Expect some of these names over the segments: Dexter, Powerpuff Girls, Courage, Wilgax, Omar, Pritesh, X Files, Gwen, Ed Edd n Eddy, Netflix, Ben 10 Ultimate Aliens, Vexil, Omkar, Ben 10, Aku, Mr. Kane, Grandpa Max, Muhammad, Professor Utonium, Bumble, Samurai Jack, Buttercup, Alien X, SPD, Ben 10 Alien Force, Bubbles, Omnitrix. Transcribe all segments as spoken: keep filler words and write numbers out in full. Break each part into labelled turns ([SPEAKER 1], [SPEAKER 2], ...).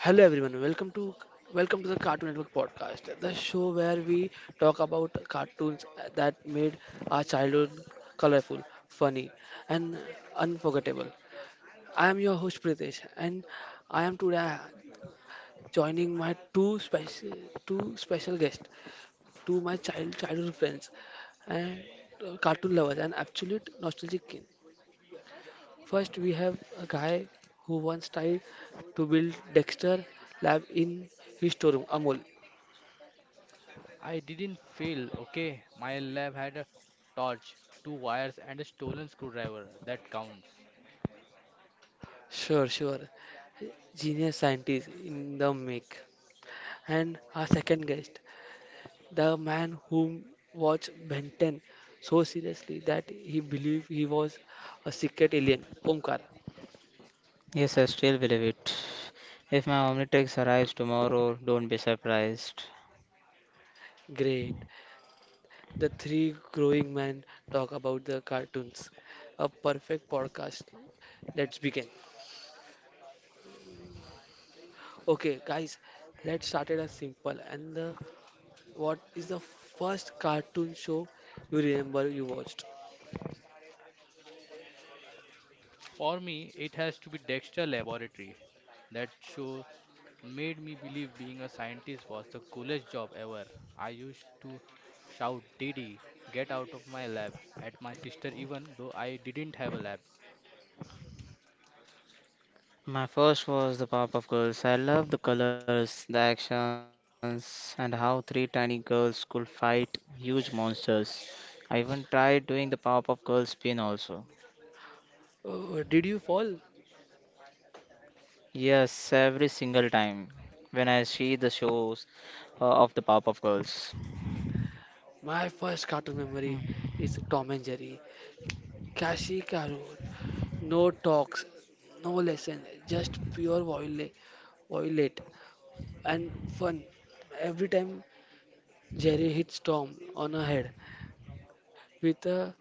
[SPEAKER 1] Hello everyone, welcome to welcome to the Cartoon Network podcast, the show where we talk about cartoons that made our childhood colorful, funny, and unforgettable. I am your host Pritesh, and I am today joining my two special two special guests, two my child childhood friends, and uh, cartoon lovers and absolute nostalgic king. First, we have a guy who once tried to build Dexter lab in his storeroom, Amol.
[SPEAKER 2] I didn't fail, okay? My lab had a torch, two wires, and a stolen screwdriver. That counts.
[SPEAKER 1] Sure, sure. Genius scientist in the make. And our second guest, the man who watched Ben ten so seriously that he believed he was a secret alien, Omkar.
[SPEAKER 3] Yes, I still believe it. If my Omnitrix arrives tomorrow, don't be surprised.
[SPEAKER 1] Great. The three growing men talk about the cartoons. A perfect podcast. Let's begin. Okay, guys, let's start it as simple. And the, what is the first cartoon show you remember you watched?
[SPEAKER 2] For me, it has to be Dexter Laboratory. That show made me believe being a scientist was the coolest job ever. I used to shout, Didi, get out of my lab at my sister, even though I didn't have a lab.
[SPEAKER 3] My first was the Powerpuff of Girls. I love the colors, the actions, and how three tiny girls could fight huge monsters. I even tried doing the Powerpuff of Girls spin also.
[SPEAKER 1] Uh, did you fall?
[SPEAKER 3] Yes, every single time when I see the shows uh, of the Powerpuff of Girls.
[SPEAKER 1] My first cartoon memory is Tom and Jerry. Kashi Karun. No talks, no lesson, just pure viol- violate and fun. Every time Jerry hits Tom on a head with a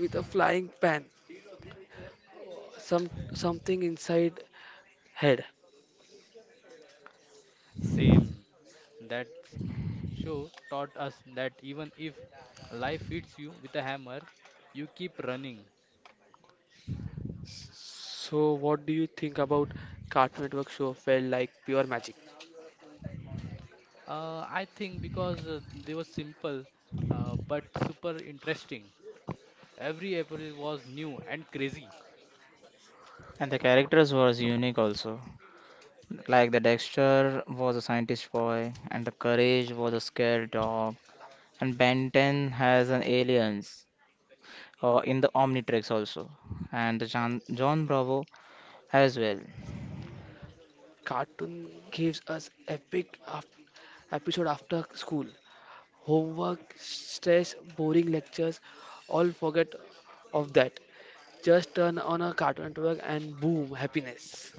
[SPEAKER 1] with a flying pan, some something inside head.
[SPEAKER 2] Same. That show taught us that even if life hits you with a hammer, you keep running.
[SPEAKER 1] So what do you think about Cartoon Network show felt like pure magic?
[SPEAKER 2] Uh, I think because uh, they were simple uh, but super interesting. Every episode was new and crazy.
[SPEAKER 3] And the characters was unique also. Like the Dexter was a scientist boy, and the Courage was a scared dog. And Ben ten has an aliens uh, in the Omnitrix also, and the John, John Bravo as well.
[SPEAKER 1] Cartoon gives us epic af- episode after school homework, stress, boring lectures, all forget of that. Just turn on a Cartoon Network and boom, happiness.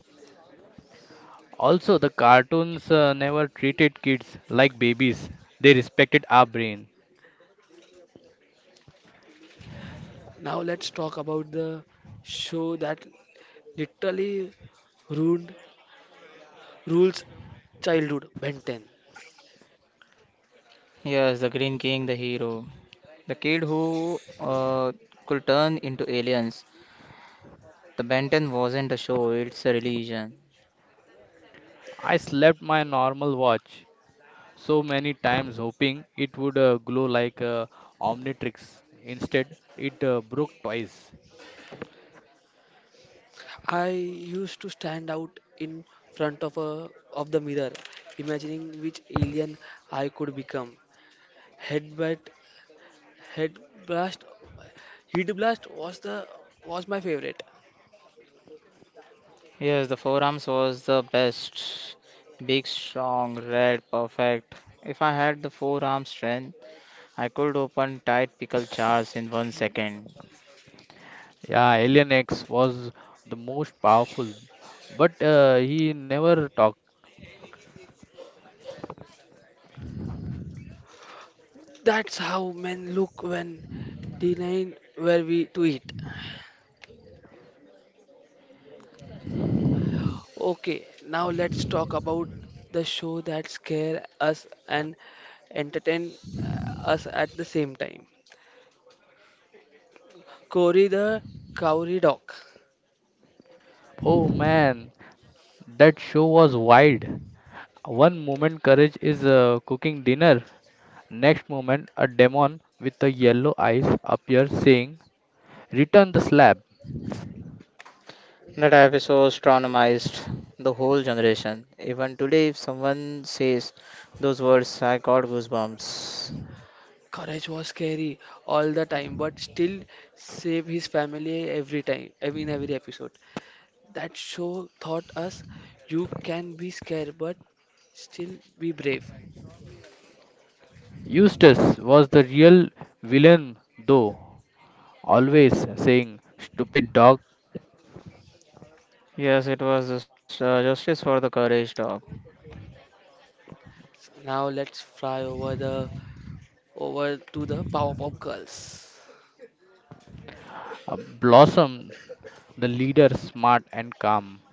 [SPEAKER 2] Also, the cartoons uh, never treated kids like babies. They respected our brain.
[SPEAKER 1] Now let's talk about the show that literally ruined rules childhood, Ben ten.
[SPEAKER 3] Yes, the Green King, the hero, the kid who uh, could turn into aliens. The Ben ten wasn't a show; it's a religion.
[SPEAKER 2] I slept my normal watch so many times hoping it would uh, glow like uh, Omnitrix. Instead, it uh, broke twice.
[SPEAKER 1] I used to stand out in front of a of the mirror, imagining which alien I could become. Headbutt, head blast, heat blast was the was my favorite.
[SPEAKER 3] Yes, the forearms was the best. Big, strong, red, perfect. If I had the forearm strength, I could open tight pickle jars in one second.
[SPEAKER 2] Yeah, Alien X was the most powerful, but uh, he never talked.
[SPEAKER 1] That's how men look when denying where we to eat. Okay, now let's talk about the show that scare us and entertain uh, us at the same time. Cory the Cowrie Dog.
[SPEAKER 2] Oh man, That show was wild. One moment, Courage is uh, cooking dinner. Next moment, a demon with the yellow eyes appears saying, Return the slab.
[SPEAKER 3] That episode traumatized the whole generation. Even today, if someone says those words, I got goosebumps.
[SPEAKER 1] Courage was scary all the time, but still save his family every time, every- in every episode. That show taught us you can be scared, but still be brave.
[SPEAKER 2] Eustace was the real villain, though, always saying, Stupid dog.
[SPEAKER 3] Yes, it was just, uh, justice for the courage talk.
[SPEAKER 1] Now let's fly over the over to the Powerpuff Girls,
[SPEAKER 2] Uh, Blossom, the leader, smart and calm.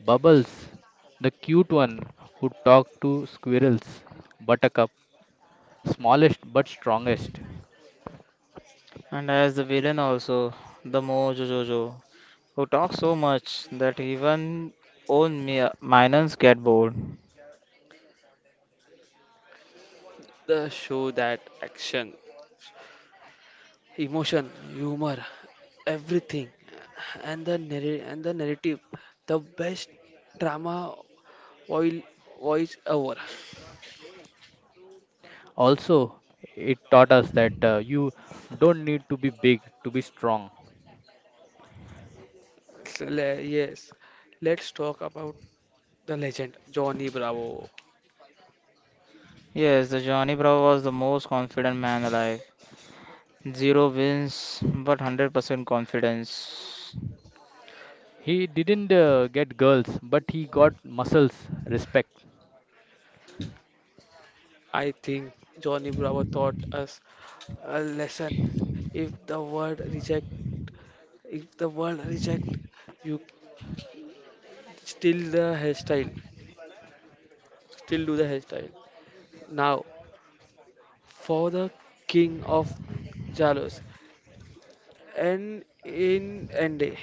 [SPEAKER 2] Bubbles, the cute one who talked to squirrels. Buttercup, smallest but strongest.
[SPEAKER 3] And as the villain, also, the Mo Jojojo, who talks so much that even own mi- minors get bored.
[SPEAKER 1] the show that action, emotion, humor, everything, and the narr- and the narrative, the best drama oil voice ever.
[SPEAKER 2] Also, it taught us that uh, you don't need to be big to be strong.
[SPEAKER 1] So, le- yes, let's talk about the legend Johnny Bravo.
[SPEAKER 3] Yes, the Johnny Bravo was the most confident man alive. Zero wins, but one hundred percent confidence.
[SPEAKER 2] He didn't uh, get girls, but he got muscles, respect.
[SPEAKER 1] I think Johnny Bravo taught us a lesson. If the world reject, if the world reject, you still the hairstyle, still do the hairstyle. Now, for the king of Jalos, and in Ende,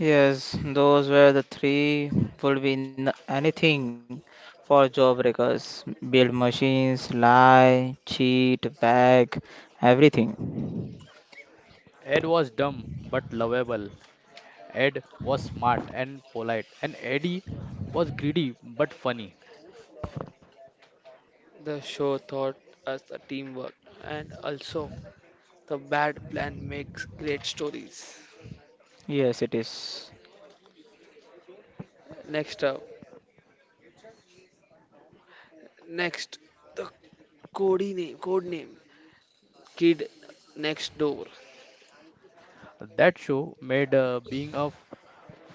[SPEAKER 3] Yes, those were the three would be n- anything for job breakers. Build machines, lie, cheat, bag, everything.
[SPEAKER 2] Ed was dumb but lovable. Ed was smart and polite. And Eddie was greedy but funny.
[SPEAKER 1] the show taught us the teamwork and also the bad plan makes great stories.
[SPEAKER 3] Yes, it is.
[SPEAKER 1] Next up, next the code name, code name, Kid Next Door.
[SPEAKER 2] That show made uh, being a f-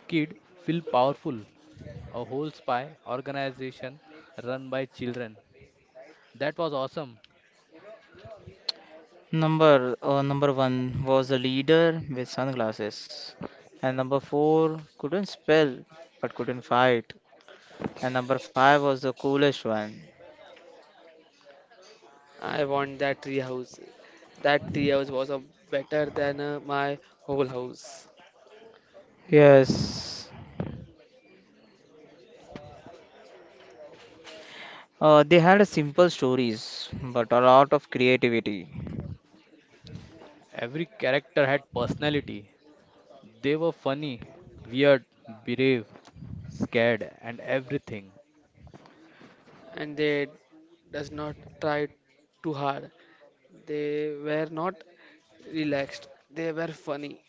[SPEAKER 2] kid feel powerful. A whole spy organization run by children. That was awesome.
[SPEAKER 3] Number uh, number one was the leader with sunglasses, and number four couldn't spell but couldn't fight, and number five was the coolest one.
[SPEAKER 1] I want that tree house. That tree house was a better than uh, my whole house,
[SPEAKER 3] Yes, uh, they had a simple stories but a lot of creativity.
[SPEAKER 2] Every character had personality. They were funny, weird, brave, scared, and everything.
[SPEAKER 1] and they does not try too hard. They were not relaxed. They were funny.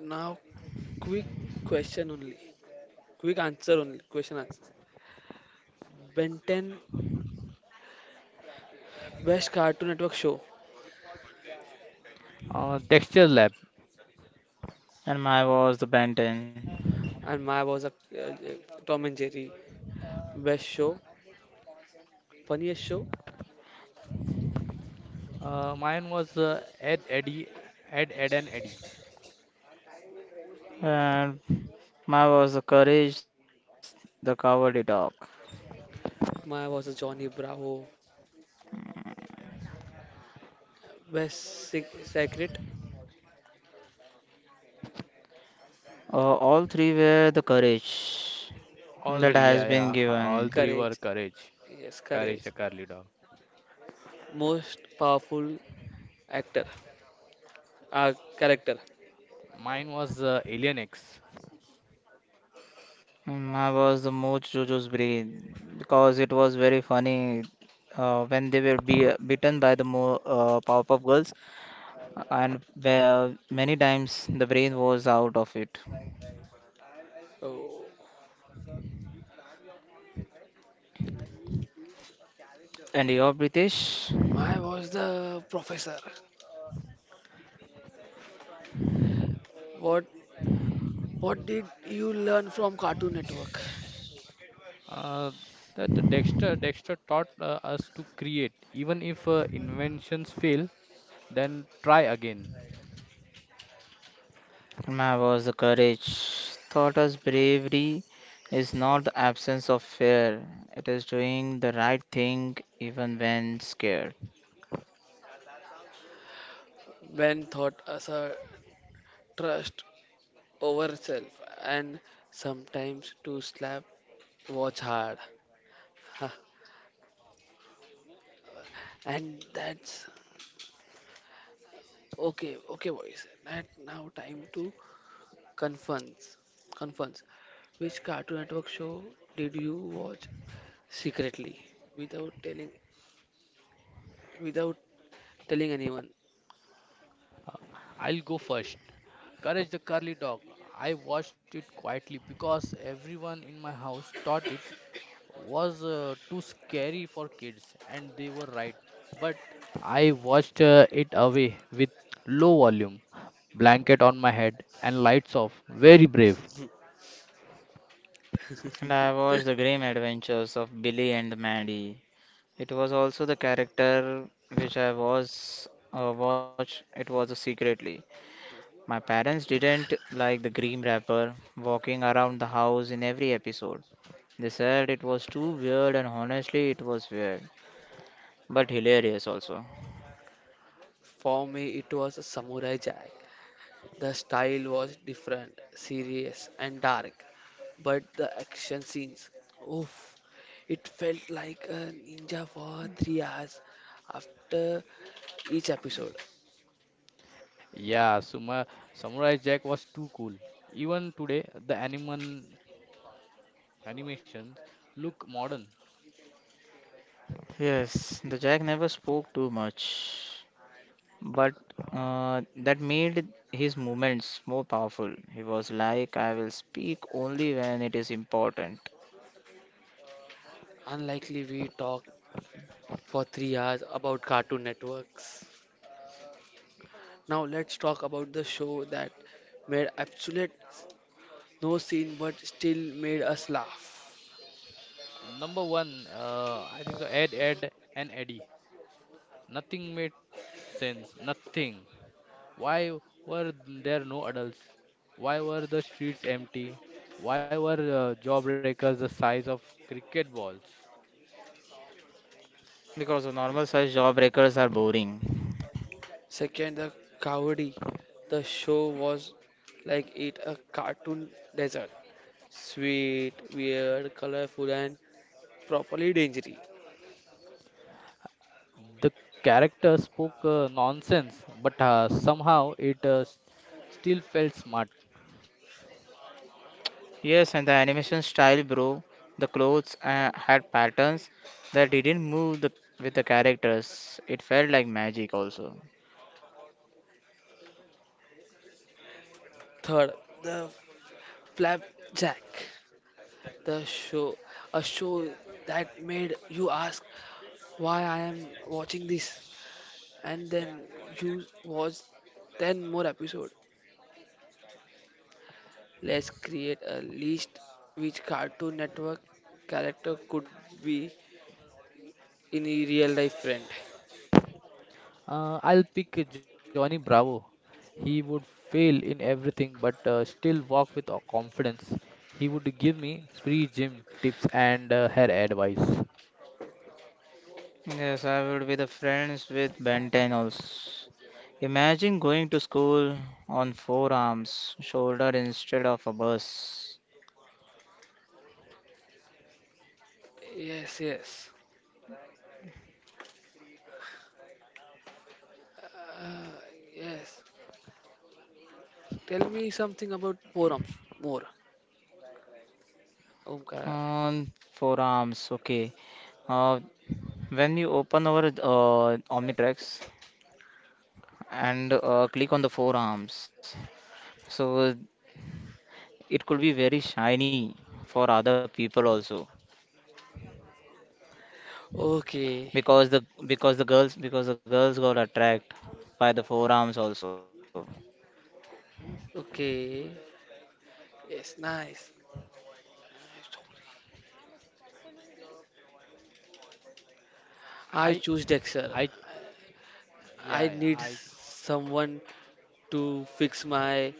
[SPEAKER 1] Now, quick question only. Quick answer only. Question answer. Ben ten best Cartoon Network show,
[SPEAKER 2] Uh, Dexter Lab.
[SPEAKER 3] And my was the Ben ten.
[SPEAKER 1] and Maya was a uh, Tom and Jerry. Best show, funniest show.
[SPEAKER 2] Uh, mine was uh, Ed, Eddie, Ed, Ed, and Eddie.
[SPEAKER 3] And my was the courage, the cowardly dog.
[SPEAKER 1] Maya was a Johnny Bravo. Best sec- secret,
[SPEAKER 3] Uh, all three were the courage
[SPEAKER 2] All
[SPEAKER 3] that
[SPEAKER 2] three,
[SPEAKER 3] has
[SPEAKER 2] yeah,
[SPEAKER 3] been
[SPEAKER 2] yeah. All
[SPEAKER 3] given.
[SPEAKER 2] three were
[SPEAKER 1] Courage.
[SPEAKER 2] Courage.
[SPEAKER 1] Yes,
[SPEAKER 2] Courage,
[SPEAKER 1] Courage.
[SPEAKER 2] the Carly dog.
[SPEAKER 1] Most powerful actor, uh, character.
[SPEAKER 2] Mine was uh, Alien X.
[SPEAKER 3] And my was the most Jojo's breathe because it was very funny uh, when they were be beaten by the mo uh, Powerpuff Girls, and where many times the brain was out of it.
[SPEAKER 1] Oh,
[SPEAKER 3] And your British?
[SPEAKER 1] Maya was the professor. What what did you learn from Cartoon Network?
[SPEAKER 2] Uh, that the Dexter, Dexter taught uh, us to create. Even if uh, inventions fail, then try again.
[SPEAKER 3] Karma was the courage. Taught us bravery is not the absence of fear, it is doing the right thing even when scared.
[SPEAKER 1] When thought as a trust over self and sometimes to slap watch hard. Huh. And that's okay, okay, boys, that now time to confess confess which Cartoon Network show did you watch secretly without telling without telling anyone.
[SPEAKER 2] I'll go first. Courage the Curly Dog. I watched it quietly because everyone in my house thought it was uh, too scary for kids, and they were right. But I watched uh, it away with low volume, blanket on my head, and lights off. Very brave.
[SPEAKER 3] And I watched the grim adventures of Billy and Maddie. It was also the character which I was uh, watched, it was secretly. My parents didn't like the grim rapper walking around the house in every episode. They said it was too weird, and honestly, it was weird, but hilarious also.
[SPEAKER 1] For me it was a Samurai Jack. The style was different, serious, and dark. But the action scenes, oof, it felt like a ninja for three hours after each episode.
[SPEAKER 2] Yeah, Suma, Samurai Jack was too cool. Even today, the animal animations look modern.
[SPEAKER 3] Yes, the Jack never spoke too much, but uh, that made his movements more powerful. He was like, I will speak only when it is important,
[SPEAKER 1] Unlikely we talked for three hours about Cartoon Networks. Now let's talk about the show that made absolute no scene but still made us laugh.
[SPEAKER 2] Number one, uh, I think the Ed, Ed, and Eddie. Nothing made sense. Nothing. Why were there no adults? Why were the streets empty? Why were uh, jawbreakers the size of cricket balls?
[SPEAKER 3] because the normal size jawbreakers are boring.
[SPEAKER 1] Second, the Cowardly. The show was like it a cartoon desert. Sweet, weird, colorful, and properly dangerous.
[SPEAKER 2] The character spoke uh, nonsense, but uh, somehow it uh, s- still felt smart.
[SPEAKER 3] Yes, and the animation style, bro. The clothes uh, had patterns that didn't move the, with the characters. It felt like magic, also.
[SPEAKER 1] Third, the Flapjack, the show, a show that made you ask why I am watching this, and then you watch ten more episodes. Let's create a list which Cartoon Network character could be in a real life friend.
[SPEAKER 2] Uh, I'll pick Johnny Bravo. He would fail in everything but uh, still walk with uh, confidence. He would give me free gym tips and uh, hair advice.
[SPEAKER 3] Yes, I would be the friends with Ben ten also. Imagine going to school on four arms, shoulder instead of a bus.
[SPEAKER 1] Yes, yes. Uh, yes. Tell me something about forums more. Omkar.
[SPEAKER 3] On four arms, okay. Uh, when you open our uh, Omnitrix and uh, click on the forearms, so it could be very shiny for other people also
[SPEAKER 1] Okay,
[SPEAKER 3] because the because the girls because the girls got attracted by the forearms also.
[SPEAKER 1] okay. Yes, nice. Nice.
[SPEAKER 2] I
[SPEAKER 1] I choose
[SPEAKER 2] I
[SPEAKER 1] Dexter.
[SPEAKER 2] yeah, yeah,
[SPEAKER 1] I
[SPEAKER 2] I.
[SPEAKER 1] need someone to fix my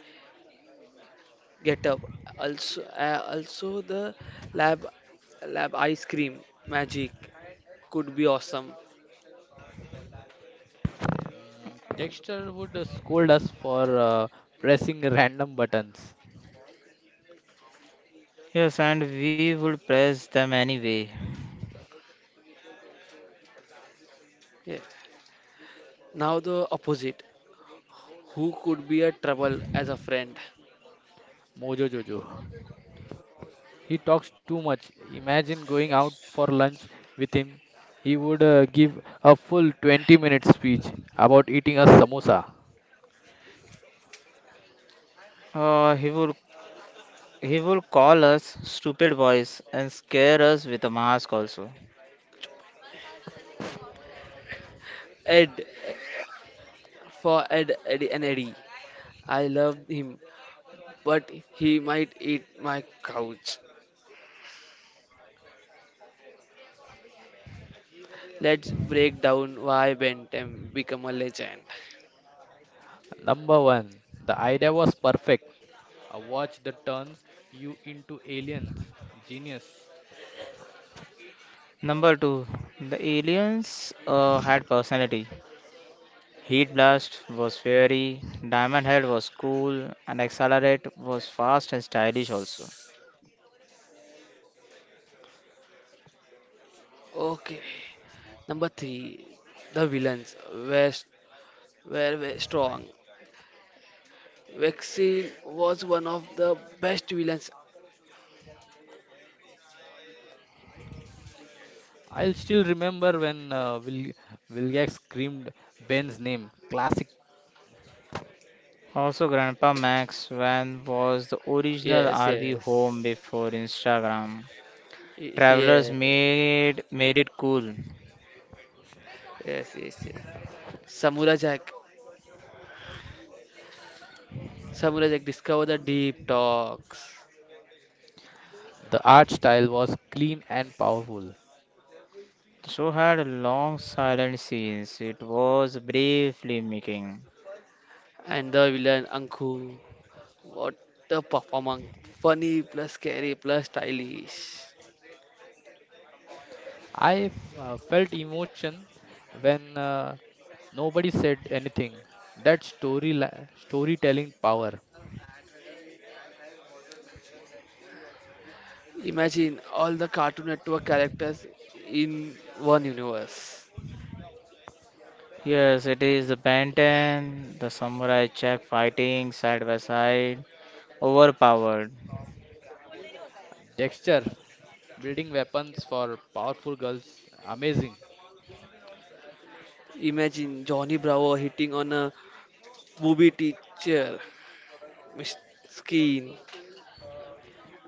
[SPEAKER 1] getup. Also, uh, also the lab lab ice cream magic could be awesome.
[SPEAKER 2] Mm, Dexter would uh, scold us for uh, pressing random buttons.
[SPEAKER 3] Yes, and we would press them anyway.
[SPEAKER 1] Yeah. Now the opposite. Who could be a trouble as a friend?
[SPEAKER 2] Mojo Jojo. He talks too much. Imagine going out for lunch with him. He would uh, give a full twenty minute speech about eating a samosa.
[SPEAKER 3] Uh, he would he would call us stupid boys and scare us with a mask also.
[SPEAKER 1] Ed for Ed, Eddie and Eddie. I love him, but he might eat my couch. Let's break down why Ben ten become a legend.
[SPEAKER 2] Number one, the idea was perfect. A watch that turns you into aliens. Genius.
[SPEAKER 3] Number two, the aliens uh, had personality. Heat blast was fiery, diamond head was cool, and accelerate was fast and stylish also.
[SPEAKER 1] Okay, number three, the villains were, were, were strong. Vexil was one of the best villains.
[SPEAKER 2] I'll still remember when uh, Wil- Wilgax screamed Ben's name. Classic.
[SPEAKER 3] Also, Grandpa Max van was the original
[SPEAKER 1] Yes,
[SPEAKER 3] R V home
[SPEAKER 1] yes.
[SPEAKER 3] before Instagram.
[SPEAKER 1] Y-
[SPEAKER 3] Travelers
[SPEAKER 1] Yeah.
[SPEAKER 3] made made it cool.
[SPEAKER 1] Yes, yes, yes. Samurai Jack. Samurai Jack discovered the deep talks.
[SPEAKER 2] The art style was clean and powerful.
[SPEAKER 3] So had long silent scenes. It was briefly making.
[SPEAKER 1] And the villain Anku. What a performance. Funny plus scary plus stylish.
[SPEAKER 2] I f- uh, felt emotion when uh, nobody said anything. That story la- storytelling power.
[SPEAKER 1] Imagine all the Cartoon Network characters in one universe.
[SPEAKER 3] Yes, it is the Ben ten, the samurai check fighting side by side, overpowered.
[SPEAKER 2] Dexter building weapons for powerful girls, amazing.
[SPEAKER 1] Imagine Johnny Bravo hitting on a booby teacher mis- skin.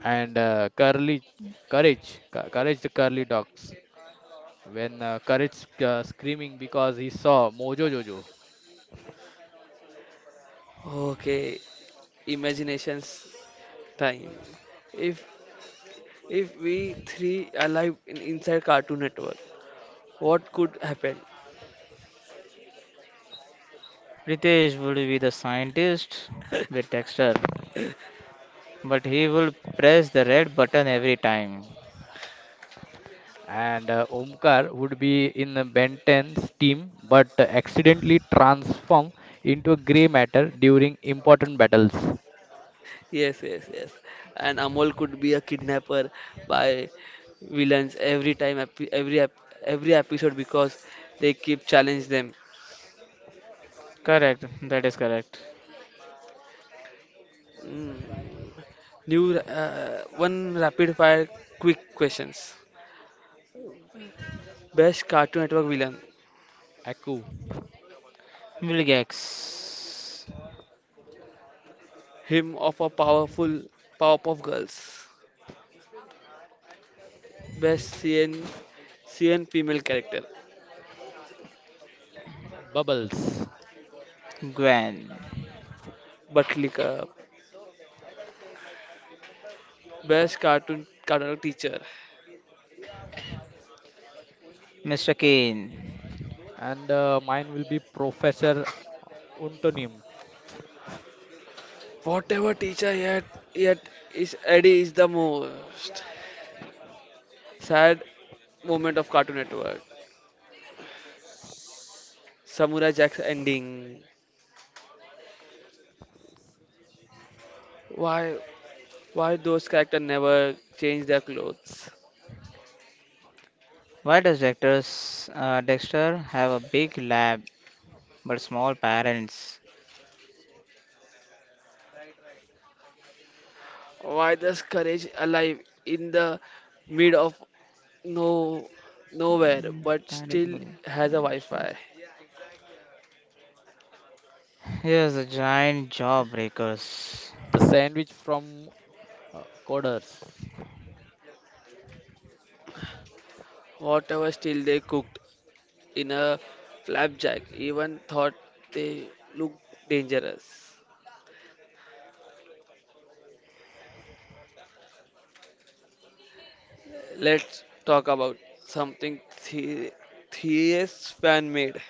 [SPEAKER 2] And uh, Curly, courage, Cou- courage the curly dogs. When uh, courage sc- uh, screaming because he saw Mojo Jojo.
[SPEAKER 1] Okay, imagination's time. If if we three alive in, inside Cartoon Network, what could happen?
[SPEAKER 3] Ritesh would be the scientist with Dexter, but he will press the red button every time.
[SPEAKER 2] And uh, Omkar would be in uh, Ben ten's team, but uh, accidentally transform into a grey matter during important battles.
[SPEAKER 1] Yes, yes, yes. And Amol could be a kidnapper by villains every time epi- every ep- every episode because they keep challenge them.
[SPEAKER 3] Correct, that is correct.
[SPEAKER 1] Mm. New uh, one rapid fire quick questions. Best Cartoon Network villain.
[SPEAKER 2] Aku.
[SPEAKER 3] Wilgex,
[SPEAKER 1] Him of a powerful Powerpuff Girls. Best C N C N female character.
[SPEAKER 2] Mm, Bubbles.
[SPEAKER 3] Gwen,
[SPEAKER 1] But click. Best cartoon cartoon Network teacher.
[SPEAKER 3] mister Kane.
[SPEAKER 2] And uh, mine will be Professor Untonim,
[SPEAKER 1] Whatever teacher yet yet is Eddie is the most sad moment of Cartoon Network. Samurai Jack's ending. Why why those characters never change their clothes?
[SPEAKER 3] Why does Dexter's, uh, Dexter have a big lab but small parents?
[SPEAKER 1] Why does Courage alive in the mid of no, nowhere,
[SPEAKER 3] Mm,
[SPEAKER 1] but
[SPEAKER 3] direct-
[SPEAKER 1] still has a Wi-Fi.
[SPEAKER 3] Yes, the giant jawbreakers.
[SPEAKER 2] the sandwich from uh, Coders.
[SPEAKER 1] Whatever still they cooked in a Flapjack, even thought they looked dangerous. Let's talk about something the theist fan made,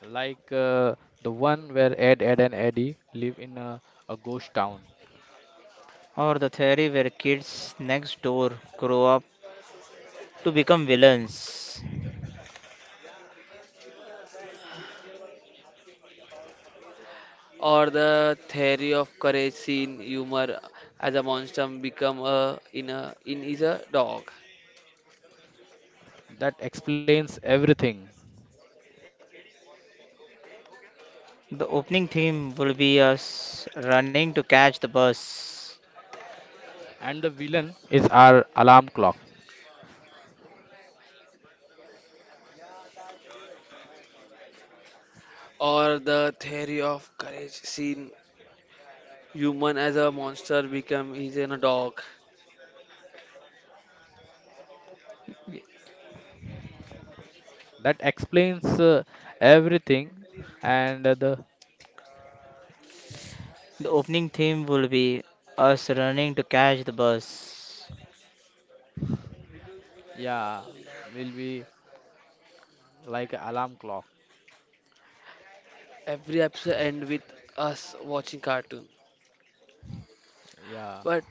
[SPEAKER 2] Like uh, the one where Ed, Ed, and Eddie live in a, a ghost town.
[SPEAKER 3] Or the theory where kids next door grow up to become villains.
[SPEAKER 1] or the theory of Courage seen humor as a monster become a in a in is a dog,
[SPEAKER 2] That explains everything.
[SPEAKER 3] The opening theme will be us running to catch the bus.
[SPEAKER 2] And the villain is our alarm clock.
[SPEAKER 1] or the theory of Courage seen human as a monster become is in a dog.
[SPEAKER 2] That explains uh, everything. And uh, the,
[SPEAKER 3] The opening theme will be us running to catch the bus.
[SPEAKER 2] yeah, will be like alarm clock.
[SPEAKER 1] Every episode end with us watching cartoon.
[SPEAKER 2] Yeah.
[SPEAKER 1] But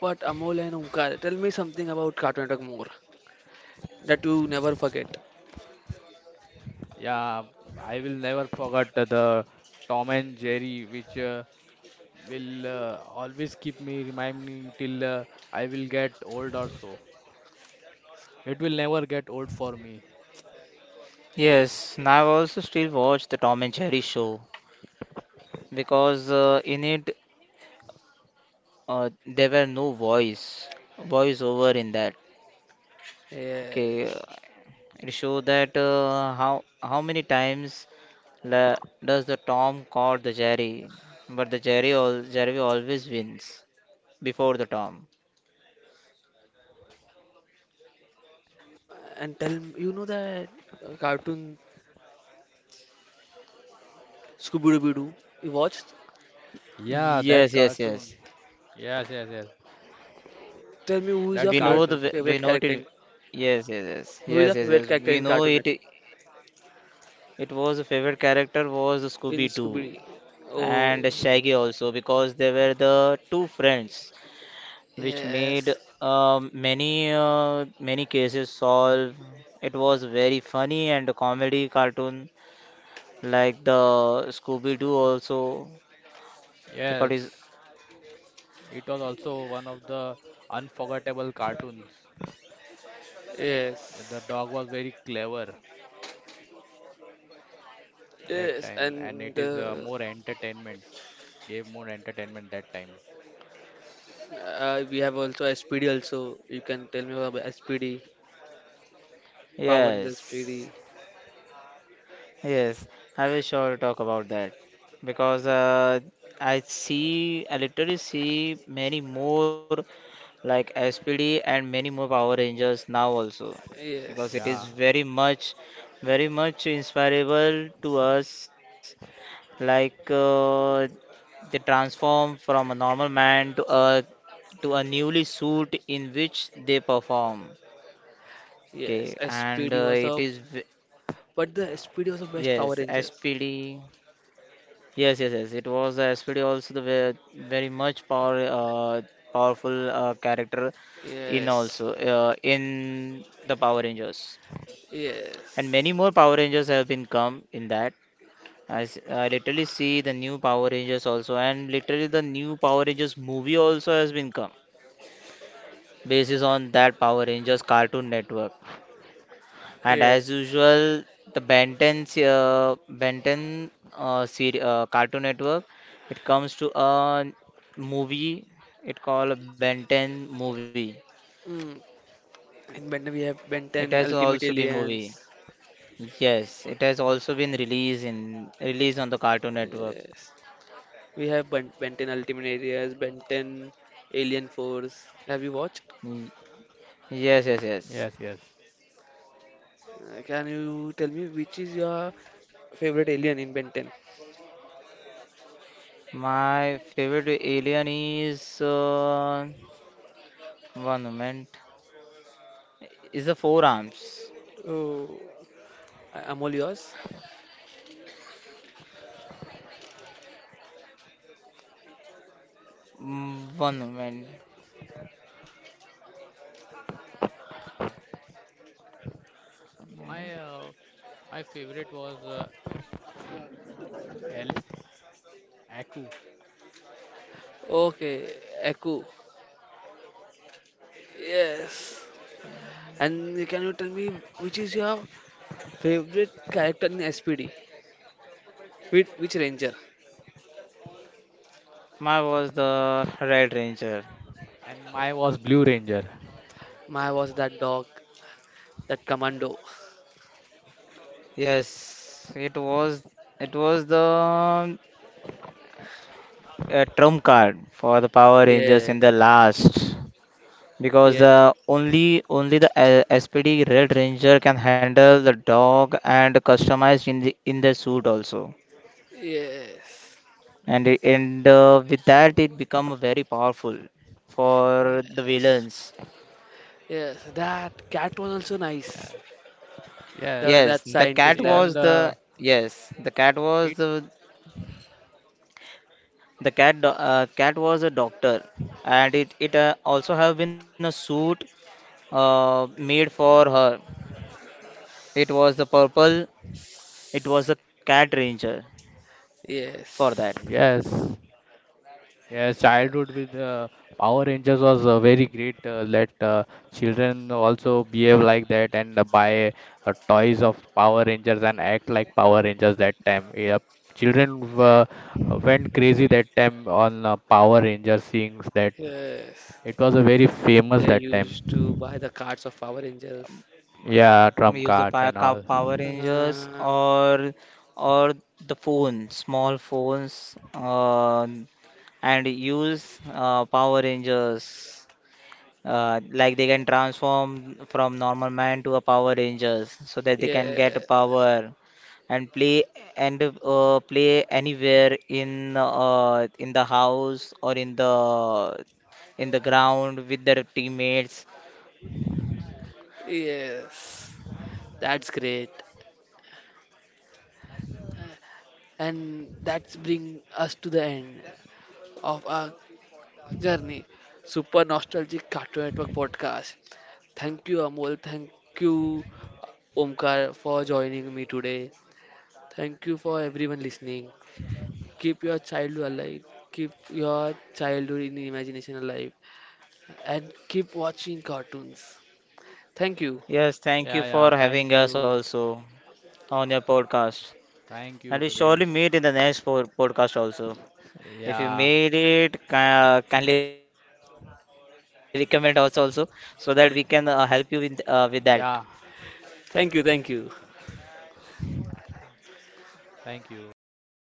[SPEAKER 1] but Amol and Omkar, tell me something about Cartoon Network more that you never forget.
[SPEAKER 2] Yeah, I will never forget the Tom and Jerry, which uh, will uh, always keep me reminding till uh, I will get old or so. It will never get old for me.
[SPEAKER 3] Yes, and I've also still watched the Tom and Jerry show because uh, in it uh, there were no voice voiceover in that. Okay,
[SPEAKER 1] Yes.
[SPEAKER 3] it shows that uh, how how many times la- does the Tom caught the Jerry, but the Jerry al- Jerry always wins before the Tom.
[SPEAKER 1] And tell m- you know that uh, cartoon Scooby Doo you watched?
[SPEAKER 2] Yeah,
[SPEAKER 3] Yes,
[SPEAKER 2] that
[SPEAKER 3] yes, yes.
[SPEAKER 2] cartoon. Yes, yes, yes.
[SPEAKER 1] Tell me
[SPEAKER 3] We
[SPEAKER 2] That
[SPEAKER 1] who is your
[SPEAKER 3] know the
[SPEAKER 1] favorite
[SPEAKER 2] cartoon.
[SPEAKER 3] w- we know
[SPEAKER 1] favorite
[SPEAKER 3] it.
[SPEAKER 1] character in
[SPEAKER 3] Yes, yes, yes,
[SPEAKER 1] who
[SPEAKER 3] yes,
[SPEAKER 1] is your
[SPEAKER 3] yes, yes.
[SPEAKER 1] favorite character
[SPEAKER 3] We
[SPEAKER 1] in
[SPEAKER 3] know
[SPEAKER 1] Cartoon Network
[SPEAKER 3] it. It was the favorite character was the Scooby
[SPEAKER 1] in
[SPEAKER 3] Doo
[SPEAKER 1] Scooby?
[SPEAKER 3] and
[SPEAKER 1] Oh,
[SPEAKER 2] Scooby-Doo.
[SPEAKER 3] Shaggy also because they were the two friends which
[SPEAKER 1] yes,
[SPEAKER 3] made um, many uh, many cases solve. It was very funny and a comedy cartoon like the Scooby Doo also because it's,
[SPEAKER 2] Yes, it was also one of the unforgettable cartoons. The
[SPEAKER 1] yes.
[SPEAKER 2] dog was very clever that
[SPEAKER 1] Yes,
[SPEAKER 2] time, and
[SPEAKER 1] and
[SPEAKER 2] it is
[SPEAKER 1] uh,
[SPEAKER 2] uh, more entertainment, gave more entertainment that time.
[SPEAKER 1] uh, we have also S P D also. You can tell me about S P D. Power Pawan is
[SPEAKER 3] yes.
[SPEAKER 1] S P D.
[SPEAKER 3] Yes, I will sure talk about that because uh, I see I literally see many more like S P D and many more Power Rangers now also because it is
[SPEAKER 2] Yeah,
[SPEAKER 1] Yes.
[SPEAKER 3] very much very much inspirable to us. Like uh, they transform from a normal man to a to a newly suit in which they perform.
[SPEAKER 1] Yes.
[SPEAKER 3] Okay,
[SPEAKER 1] SPD
[SPEAKER 3] and
[SPEAKER 1] was
[SPEAKER 3] uh, it
[SPEAKER 1] the
[SPEAKER 3] is v-
[SPEAKER 1] but the S P D was the
[SPEAKER 3] yes
[SPEAKER 1] best Power
[SPEAKER 3] S P D.
[SPEAKER 1] Rangers.
[SPEAKER 3] Yes, yes, yes. It was the S P D also the very, very much power uh, powerful uh, character in
[SPEAKER 1] Yes.
[SPEAKER 3] also uh, in the Power Rangers, and many
[SPEAKER 1] Yes.
[SPEAKER 3] more Power Rangers have been come in that. I, s- I literally see the new Power Rangers also, and literally the new Power Rangers movie also has been come basis on that Power Rangers Cartoon Network. And as
[SPEAKER 1] Yes.
[SPEAKER 3] usual, the Ben ten, se- uh, ben ten uh, seri- uh, Cartoon Network, it comes to a movie. It called Ben ten movie.
[SPEAKER 1] Mm. In Ben ten we have
[SPEAKER 3] It
[SPEAKER 1] Ben
[SPEAKER 3] has
[SPEAKER 1] ten
[SPEAKER 3] also
[SPEAKER 1] Ultimate
[SPEAKER 3] been movie.
[SPEAKER 1] Aliens.
[SPEAKER 3] Yes, it has also been released in released on the Cartoon Network.
[SPEAKER 1] Yes. We have Ben, ben ten Ultimate Aliens, Ben ten Alien Force. Have you watched?
[SPEAKER 3] Mm, Yes, yes, yes.
[SPEAKER 2] yes, yes.
[SPEAKER 1] Uh, Can you tell me which is your favorite alien in Ben ten?
[SPEAKER 3] My favorite alien is uh, one moment. is the four arms.
[SPEAKER 1] Oh, I- I'm all yours.
[SPEAKER 3] Mm, One moment.
[SPEAKER 2] My uh, my favorite was uh, El Aku,
[SPEAKER 1] Okay, Echo. Yes. And can you tell me which is your favorite character in S P D? Which, which ranger?
[SPEAKER 3] My was the Red Ranger.
[SPEAKER 2] and my was Blue Ranger.
[SPEAKER 1] My was that dog, that commando.
[SPEAKER 3] Yes, it was. It was the uh, trump card for the Power Rangers
[SPEAKER 1] Yeah,
[SPEAKER 3] in the last because
[SPEAKER 1] yeah,
[SPEAKER 3] the only only the uh, S P D Red Ranger can handle the dog and customize in the in the suit also.
[SPEAKER 1] yes,
[SPEAKER 3] And it, and uh, with that it become very powerful for the
[SPEAKER 1] yes,
[SPEAKER 3] villains.
[SPEAKER 1] yes. That cat was also nice.
[SPEAKER 2] Yeah.
[SPEAKER 1] The
[SPEAKER 2] Yes,
[SPEAKER 3] Yes,
[SPEAKER 1] that
[SPEAKER 3] the cat
[SPEAKER 1] scientist lab.
[SPEAKER 3] was
[SPEAKER 2] even
[SPEAKER 3] the
[SPEAKER 2] the
[SPEAKER 3] yes, the cat was
[SPEAKER 2] it.
[SPEAKER 3] the the cat do- uh, cat was a doctor, and it it uh, also have been a suit uh, made for her. It was the purple. It was the cat ranger for that.
[SPEAKER 1] Yes,
[SPEAKER 2] Yes, yes. Childhood with uh, Power Rangers was uh, very great. Uh, let uh, children also behave like that and uh, buy uh, toys of Power Rangers and act like Power Rangers that time. Yep. Children uh, went crazy that time on uh, Power Rangers things. That
[SPEAKER 1] yes.
[SPEAKER 2] it was a very famous
[SPEAKER 1] They
[SPEAKER 2] that time.
[SPEAKER 1] used to buy the cards of Power Rangers.
[SPEAKER 2] Yeah,
[SPEAKER 3] We use
[SPEAKER 2] trump
[SPEAKER 3] the Power
[SPEAKER 2] cards and
[SPEAKER 3] Cow-
[SPEAKER 2] all.
[SPEAKER 3] Power Rangers
[SPEAKER 1] Uh,
[SPEAKER 3] or or the phone, small phones, uh, and use uh, Power Rangers. Uh, like they can transform from normal man to a Power Rangers, so that they can
[SPEAKER 1] yeah,
[SPEAKER 3] get power and play and uh, play anywhere in uh, in the house or in the in the ground with their teammates.
[SPEAKER 1] yes. That's great. And that's bring us to the end of our journey, Super Nostalgic Cartoon Network podcast. Thank you, Amol. Thank you, Omkar, for joining me today. Thank you for everyone listening. Keep your childhood alive. Keep your childhood in imagination alive. And keep watching cartoons. Thank you.
[SPEAKER 3] Yes, thank
[SPEAKER 2] Yeah,
[SPEAKER 3] you
[SPEAKER 2] yeah.
[SPEAKER 3] for
[SPEAKER 2] Thank
[SPEAKER 3] having us
[SPEAKER 2] you.
[SPEAKER 3] also on your podcast.
[SPEAKER 2] Thank you,
[SPEAKER 3] And we surely
[SPEAKER 2] Pradesh.
[SPEAKER 3] meet in the next po- podcast also. If you
[SPEAKER 2] Yeah,
[SPEAKER 3] made it, ca- kindly recommend us also so that we can uh, help you with uh, with
[SPEAKER 2] yeah.
[SPEAKER 3] that.
[SPEAKER 1] Thank you. Thank you.
[SPEAKER 2] Thank
[SPEAKER 3] Thank
[SPEAKER 2] you.
[SPEAKER 3] you, Pritesh, for having us.